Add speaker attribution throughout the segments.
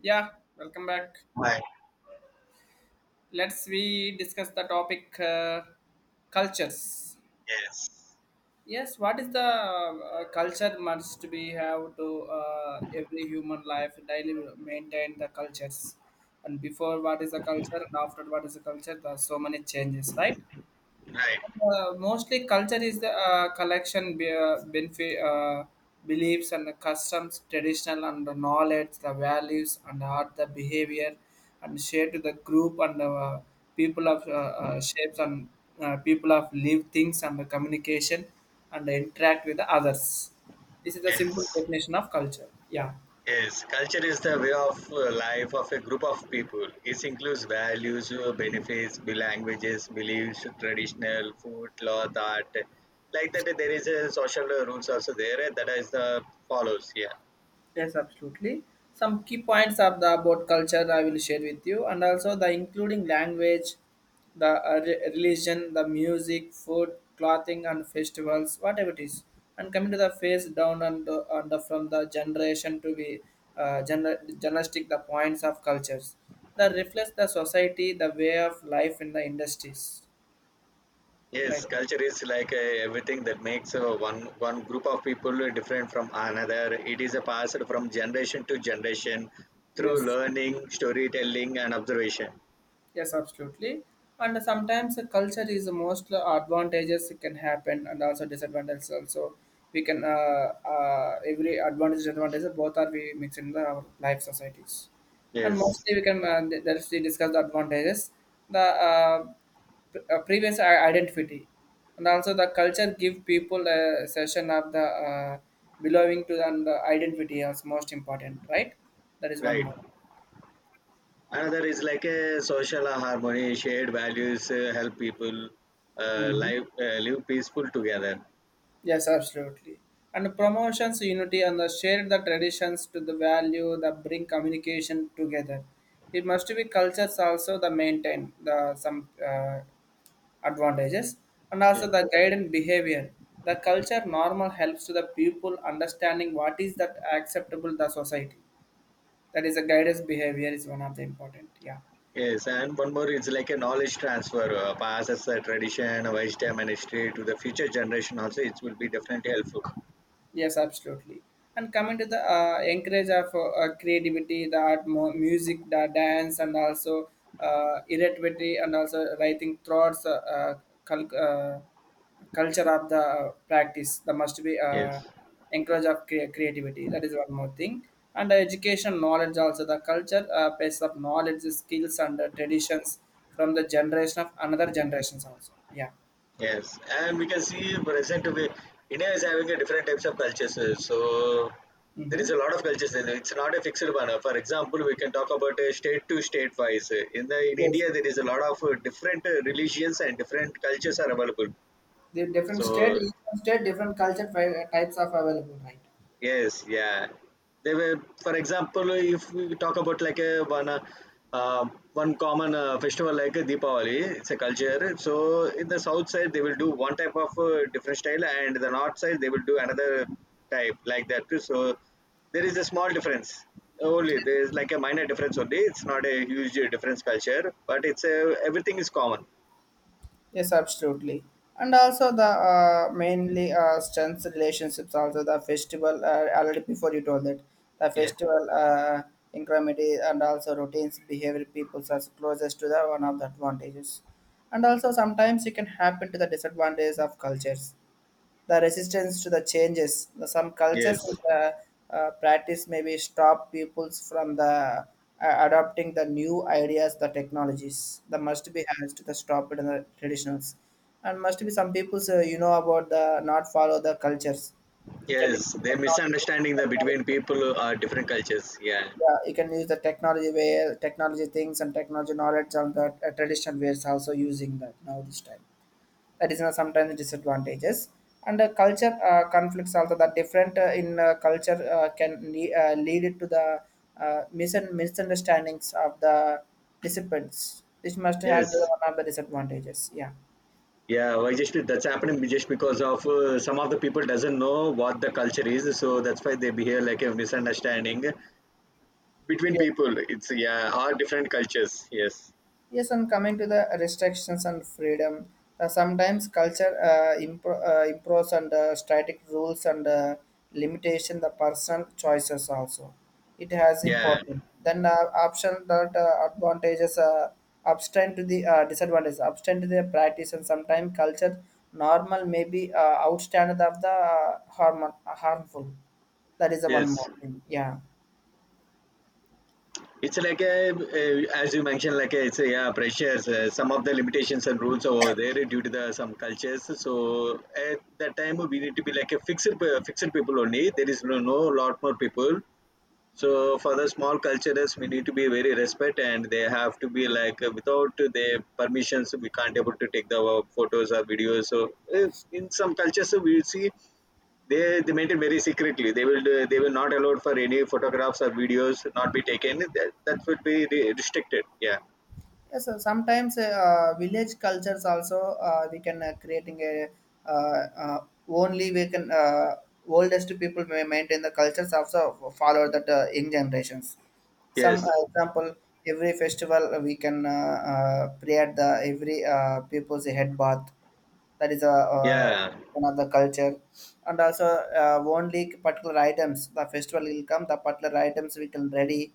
Speaker 1: Yeah, welcome back.
Speaker 2: Right.
Speaker 1: Let's we discuss the topic cultures.
Speaker 2: Yes.
Speaker 1: Yes, what is the culture must be have to every human life daily maintain the cultures, and before what is the culture and after what is the culture? There are so many changes, right?
Speaker 2: Right.
Speaker 1: Mostly culture is the collection benefit, beliefs and the customs traditional and the knowledge the values and art the behavior and share to the group and people of shapes and people of live things and the communication and interact with the others. This is the simple
Speaker 2: Yes.
Speaker 1: definition of culture, yeah.
Speaker 2: Yes. Culture is the way of life of a group of people. It includes values, benefits, languages, beliefs, traditional food, cloth, art. Like that, there is a social rules also there that is the follows. Yeah.
Speaker 1: Yes, absolutely. Some key points of the about culture I will share with you, and also the including language, the religion, the music, food, clothing, and festivals, whatever it is. And coming to the face down and the from the generation to be journalistic, the points of cultures that reflects the society, the way of life in the industries. Right.
Speaker 2: Yes. Culture is like everything that makes one group of people different from another. It is a passed from generation to generation through
Speaker 1: Yes.
Speaker 2: learning, storytelling, and observation.
Speaker 1: Yes, absolutely. And sometimes the culture is the most advantages can happen and also disadvantages also. We can Every advantage disadvantage both are we mix in our life societies, and
Speaker 2: Yes.
Speaker 1: mostly we can that's we discuss the advantages, the previous identity, and also the culture give people a session of the belonging to, and the identity is most important, right? That is one
Speaker 2: Right. Another is like a social harmony shared values help people
Speaker 1: more.
Speaker 2: live live peaceful together.
Speaker 1: Yes, absolutely. And promotions unity and the share the traditions to the value that bring communication together. It must be cultures also the maintain the some advantages and
Speaker 2: Yeah.
Speaker 1: also the guidance behavior. The culture normal helps to the people understanding what is that acceptable the society. That is a guidance behavior is one of the important. Yeah.
Speaker 2: Yes, and one more is like a knowledge transfer, passes the tradition wisdom and history to the future generation. Also it will be definitely helpful.
Speaker 1: Yes, absolutely. And coming to the encourage of creativity, the art, music, the dance, and also irritability, and also writing thoughts, cul- uh, culture of the practice. That must be
Speaker 2: Yes.
Speaker 1: encourage of creativity. That is one more thing. And the education knowledge also the culture base of knowledge, skills, and traditions from the generation of another generations also. Yeah.
Speaker 2: Yes, and we can see present with India is having a different types of cultures. So there
Speaker 1: Mm-hmm.
Speaker 2: is a lot of cultures there. It's not a fixed one. For example, we can talk about state to state wise. In the in
Speaker 1: Yes,
Speaker 2: India, there is a lot of different religions and different cultures are available.
Speaker 1: the different state,
Speaker 2: So
Speaker 1: each state, different culture types of available, right?
Speaker 2: yes, yeah. They were, for example, if we talk about like a one one common festival like a Deepavali, it's a culture. So in the south side they will do one type of different style, and the north side they will do another type like that too. So there is a small difference only. There is like a minor difference only. It's not a huge difference culture, but it's a everything is common.
Speaker 1: Yes, absolutely. And also the mainly strengths relationships. Also the festival already before you told that the
Speaker 2: Yeah.
Speaker 1: festival incrementally and also routines behavior peoples are closest to the one of the advantages. And also sometimes it can happen to the disadvantages of cultures, the resistance to the changes. Some
Speaker 2: Yes.
Speaker 1: cultures in the practice maybe stop peoples from the adopting the new ideas, the technologies. The must be has to the stop it in the traditionals, and must be some peoples you know about the not follow the cultures. You can use
Speaker 2: Yes. They're
Speaker 1: technology,
Speaker 2: misunderstanding the between
Speaker 1: technology.
Speaker 2: people are different cultures. Yeah.
Speaker 1: Yeah, you can use the technology way, technology things, and technology knowledge on the traditional ways. Also using that now this time, that is you know, sometimes disadvantages and culture conflicts also, that different in culture can lead it to the misunderstandings of the disciplines, which must have the
Speaker 2: Yes.
Speaker 1: one of the disadvantages, yeah.
Speaker 2: Yeah, why just that's happening just because of some of the people doesn't know what the culture is, so that's why they behave like a misunderstanding between people. It's yeah, all different cultures. Yes,
Speaker 1: Yes, and coming to the restrictions and freedom, sometimes culture improves and static rules and limitation the personal choices also. It has
Speaker 2: yeah,
Speaker 1: important. Then option that advantages abstain to the disadvantages, abstain to the practice, and sometimes culture normal may be outstand of the harmful. That is the one
Speaker 2: yes.
Speaker 1: more thing. Yeah.
Speaker 2: It's like a, as you mentioned, like a, it's a, yeah, pressures. Some of the limitations and rules over there due to the some cultures. So at that time we need to be like a fixed people only. There is no lot more people. So for the small cultures, we need to be very respect, and they have to be like without their permissions, we can't able to take the photos or videos. So in some cultures, we will see they maintain very secretly. They will not allow for any photographs or videos not be taken. That would be restricted. Yeah.
Speaker 1: Yes, sometimes village cultures also we can creating a uh, uh, only we can oldest people may maintain the cultures also follow that young generations.
Speaker 2: Yes.
Speaker 1: Some example, every festival we can create the every people's head bath. That is a
Speaker 2: Yeah.
Speaker 1: one of the culture, and also only particular items the festival will come, the particular items we can ready,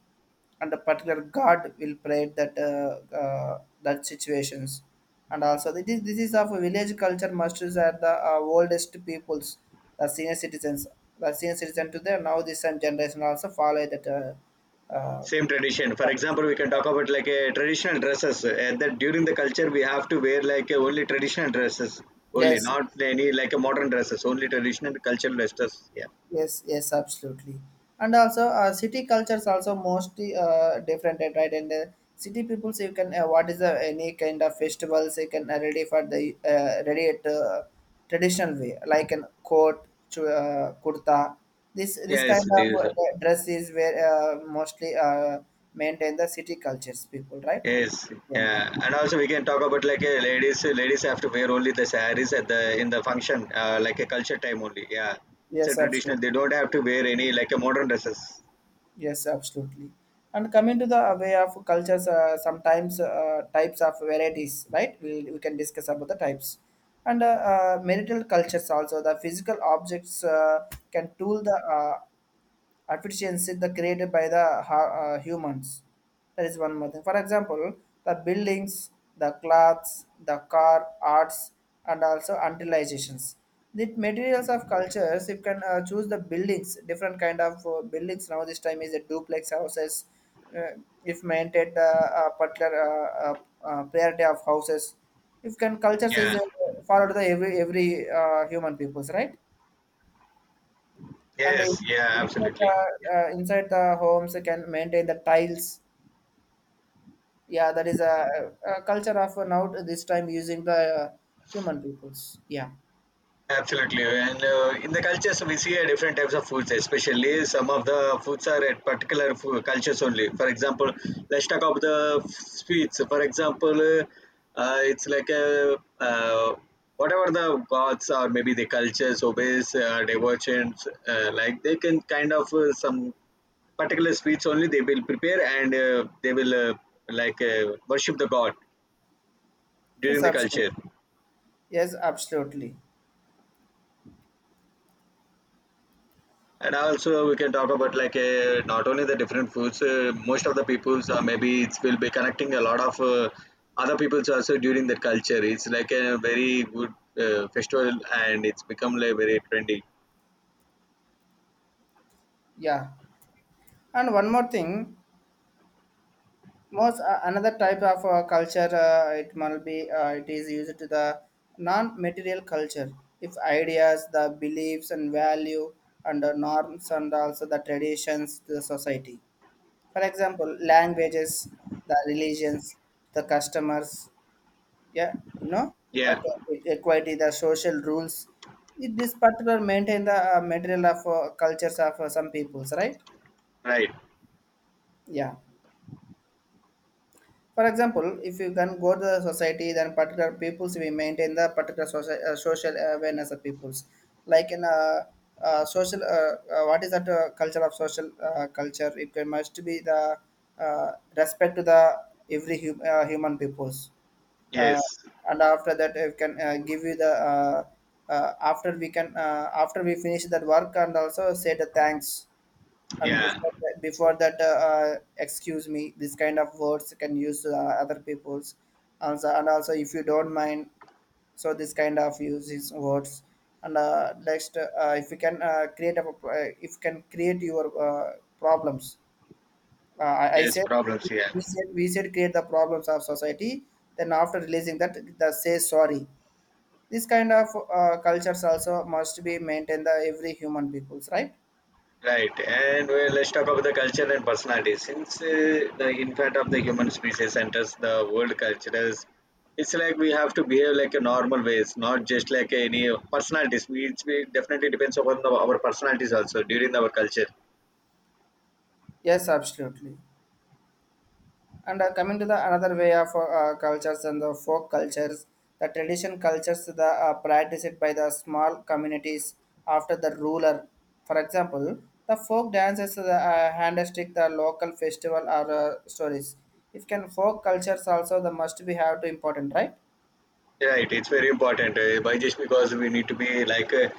Speaker 1: and the particular god will pray that that situations. And also this is of a village culture masters are the oldest peoples, the senior citizens, the senior citizen to them, now this and generation also follow that uh,
Speaker 2: Same tradition. For example, we can talk about like a traditional dresses that during the culture we have to wear like a only traditional dresses only,
Speaker 1: yes.
Speaker 2: not any like a modern dresses, only traditional cultural dresses. Yeah.
Speaker 1: Yes, yes, absolutely. And also, city cultures also mostly different, right? And city peoples you can what is the any kind of festivals you can ready for the ready at traditional way, like an coat, kurta. This
Speaker 2: Yes,
Speaker 1: kind of
Speaker 2: this-
Speaker 1: dress is where mostly maintain the city cultures people, right?
Speaker 2: yes,
Speaker 1: One
Speaker 2: yeah,
Speaker 1: more.
Speaker 2: and also we can talk about like a ladies have to wear only the sarees at the in the function like a culture time only. Yeah. It's
Speaker 1: Yes,
Speaker 2: a traditional,
Speaker 1: absolutely.
Speaker 2: they don't have to wear any like a modern dresses.
Speaker 1: Yes, absolutely. And coming to the way of cultures, sometimes types of varieties, right? We can discuss about the types. And marital cultures also, the physical objects can tool the efficiency the created by the humans. That is one more thing, for example, the buildings, the clothes, the car arts, and also utilizations. The materials of cultures, you can choose the buildings, different kind of buildings. Now this time is a duplex houses. uh, if maintained the particular priority of houses, if can cultures
Speaker 2: Yeah.
Speaker 1: is followed the every human peoples, right? and
Speaker 2: Yes,
Speaker 1: in-
Speaker 2: yeah,
Speaker 1: Inside
Speaker 2: absolutely.
Speaker 1: the, inside the homes they can maintain the tiles, yeah. That is a culture of now this time using the human peoples, yeah.
Speaker 2: Absolutely, and in the cultures we see different types of foods. Especially some of the foods are at particular cultures only. For example, let's talk about the sweets. For example, it's like a, whatever the gods or maybe the cultures, obeys, devotions, like they can kind of some particular sweets only they will prepare, and they will, like worship the god during
Speaker 1: Yes,
Speaker 2: the culture.
Speaker 1: absolutely. Yes, absolutely.
Speaker 2: And also, we can talk about like not only the different foods. Most of the peoples are maybe it will be connecting a lot of other peoples also during that culture. It's like a very good festival, and it's become like very trendy.
Speaker 1: Yeah, and one more thing, most another type of culture, it must be it is used to the non-material culture, if ideas, the beliefs and value, and the norms, and also the traditions to the society. For example, languages, the religions, the customers, yeah, you know, that
Speaker 2: Yeah,
Speaker 1: equality, the social rules. It, this particular maintain the material of cultures of some peoples, right?
Speaker 2: right.
Speaker 1: Yeah. For example, if you can go to the society, then particular peoples we maintain the particular social, social awareness of peoples, like in a, social. What is that culture of social culture? Must be the respect to the every human peoples,
Speaker 2: Yes.
Speaker 1: uh, and after that, I can give you the. After we can after we finish that work and also say the thanks, and
Speaker 2: Yeah.
Speaker 1: before that excuse me, this kind of words can use other people's. And, so, and also, if you don't mind, so this kind of uses words. And next, if you can if you can create your problems. I
Speaker 2: Yes.
Speaker 1: said
Speaker 2: Problems. Yeah.
Speaker 1: we said create the problems of society. Then after releasing that, the say sorry. This kind of cultures also must be maintained the every human peoples, right?
Speaker 2: Right, and well, let's talk about the culture and personality. Since the infant of the human species enters the world cultures, it's like we have to behave like a normal ways, not just like any personalities. We, it's, we definitely depends upon the, our personalities also during our culture.
Speaker 1: Yes, absolutely. And coming to the another way of cultures and the folk cultures, the tradition cultures the practiced by the small communities after the ruler. For example, the folk dances, the handstick, the local festival or stories. If can folk cultures also the must be have to important, right?
Speaker 2: Right, it's very important. By just because we need to be like uh,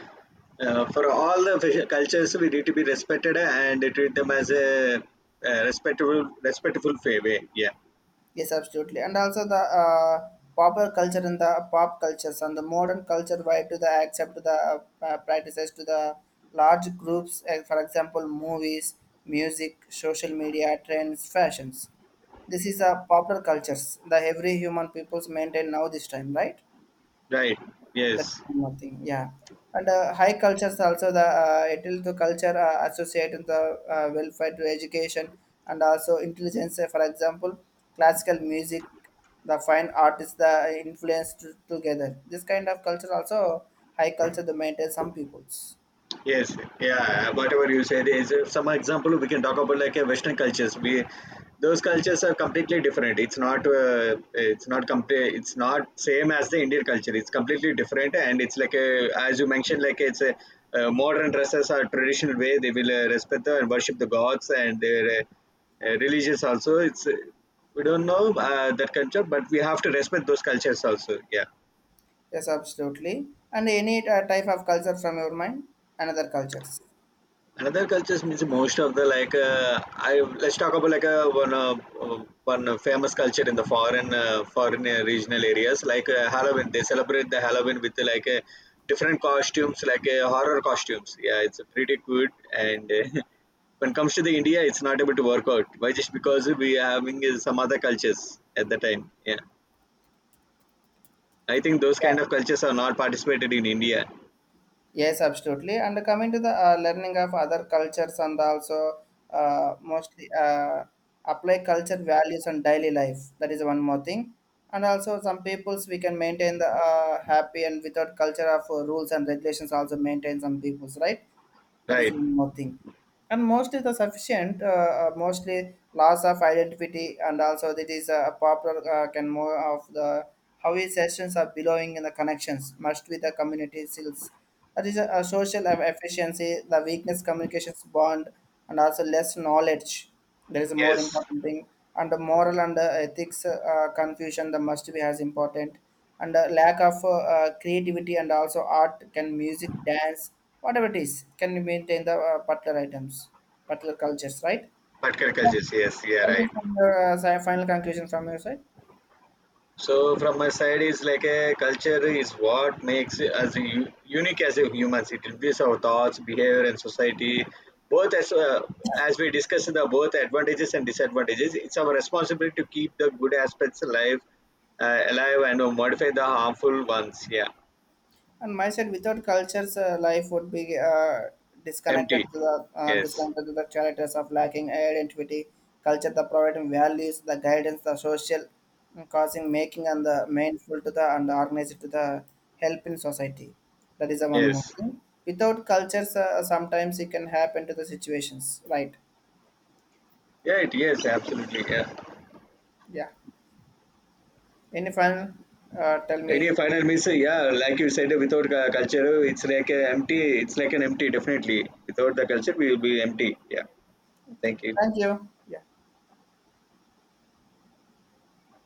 Speaker 2: uh, for all the cultures, we need to be respected and treat them as a, respectful, respectful way. Yeah,
Speaker 1: Yes, absolutely. And also the popular culture and the pop cultures and the modern culture vibe to the accept to the practices to the large groups, for example, movies, music, social media, trends, fashions. This is a popular cultures. The every human peoples maintain now this time, right?
Speaker 2: right.
Speaker 1: That's
Speaker 2: Yes.
Speaker 1: one more thing, yeah. And high cultures also the it will the culture associate with the welfare to education and also intelligence. For example, classical music, the fine artists, the influence to, together. This kind of culture also high culture to maintain some peoples.
Speaker 2: Yes, yeah, whatever you said is some example we can talk about like a Western cultures. We, those cultures are completely different. It's not compare it's not same as the Indian culture. It's completely different, and it's like a as you mentioned, like it's a, modern dresses are traditional way they will respect the and worship the gods and their religious also. It's we don't know that culture, but we have to respect those cultures also. Yeah.
Speaker 1: Yes, absolutely. And any type of culture from your mind, another cultures.
Speaker 2: Another cultures means most of the like I let's talk about like a one one famous culture in the foreign foreign regional areas, like Halloween. They celebrate the Halloween with like different costumes, like horror costumes. Yeah, it's pretty good. And when it comes to the India, it's not able to work out, why just because we are having some other cultures at the time. Yeah, I think those
Speaker 1: Yeah.
Speaker 2: kind of cultures are not participated in India.
Speaker 1: Yes, absolutely. And coming to the learning of other cultures, and also mostly apply culture values on daily life. That is one more thing. And also some peoples we can maintain the happy and without culture of rules and regulations also maintain some peoples, right? That
Speaker 2: Right.
Speaker 1: is one more thing, and mostly the sufficient mostly loss of identity, and also it is a popular can more of the how is sessions are belonging in the connections must be the community skills. That is a social efficiency the weakness communications bond, and also less knowledge there is a more
Speaker 2: Yes.
Speaker 1: important thing, and the moral and the ethics confusion, that must be as important, and the lack of creativity, and also art can music, dance, whatever it is, can maintain the particular items, particular cultures, right?
Speaker 2: Particular
Speaker 1: Yeah.
Speaker 2: cultures, yes, yeah,
Speaker 1: Tell
Speaker 2: right.
Speaker 1: me from your final conclusion from your side.
Speaker 2: So from my side is like a culture is what makes us unique as a humans. It influences our thoughts, behavior, and society. Both as we discussed the both advantages and disadvantages. It's our responsibility to keep the good aspects alive, and modify the harmful ones. Yeah,
Speaker 1: And myself, without cultures, life would be
Speaker 2: empty. Yes,
Speaker 1: disconnected to the characters of lacking identity, culture, the providing values, the guidance, the social mm, causing making, and the mindful to the and organized to the help in society. That is the one more
Speaker 2: yes,
Speaker 1: thing. Without cultures, sometimes it can happen to the situations. Right?
Speaker 2: yeah, it, yes, absolutely. Yeah.
Speaker 1: Yeah. Any final? Tell
Speaker 2: Any
Speaker 1: me.
Speaker 2: final means, yeah, like you said, without culture, it's like a empty. It's like an empty. Definitely, without the culture, we will be empty. Yeah.
Speaker 1: Okay.
Speaker 2: Thank you.
Speaker 1: Thank you. Yeah.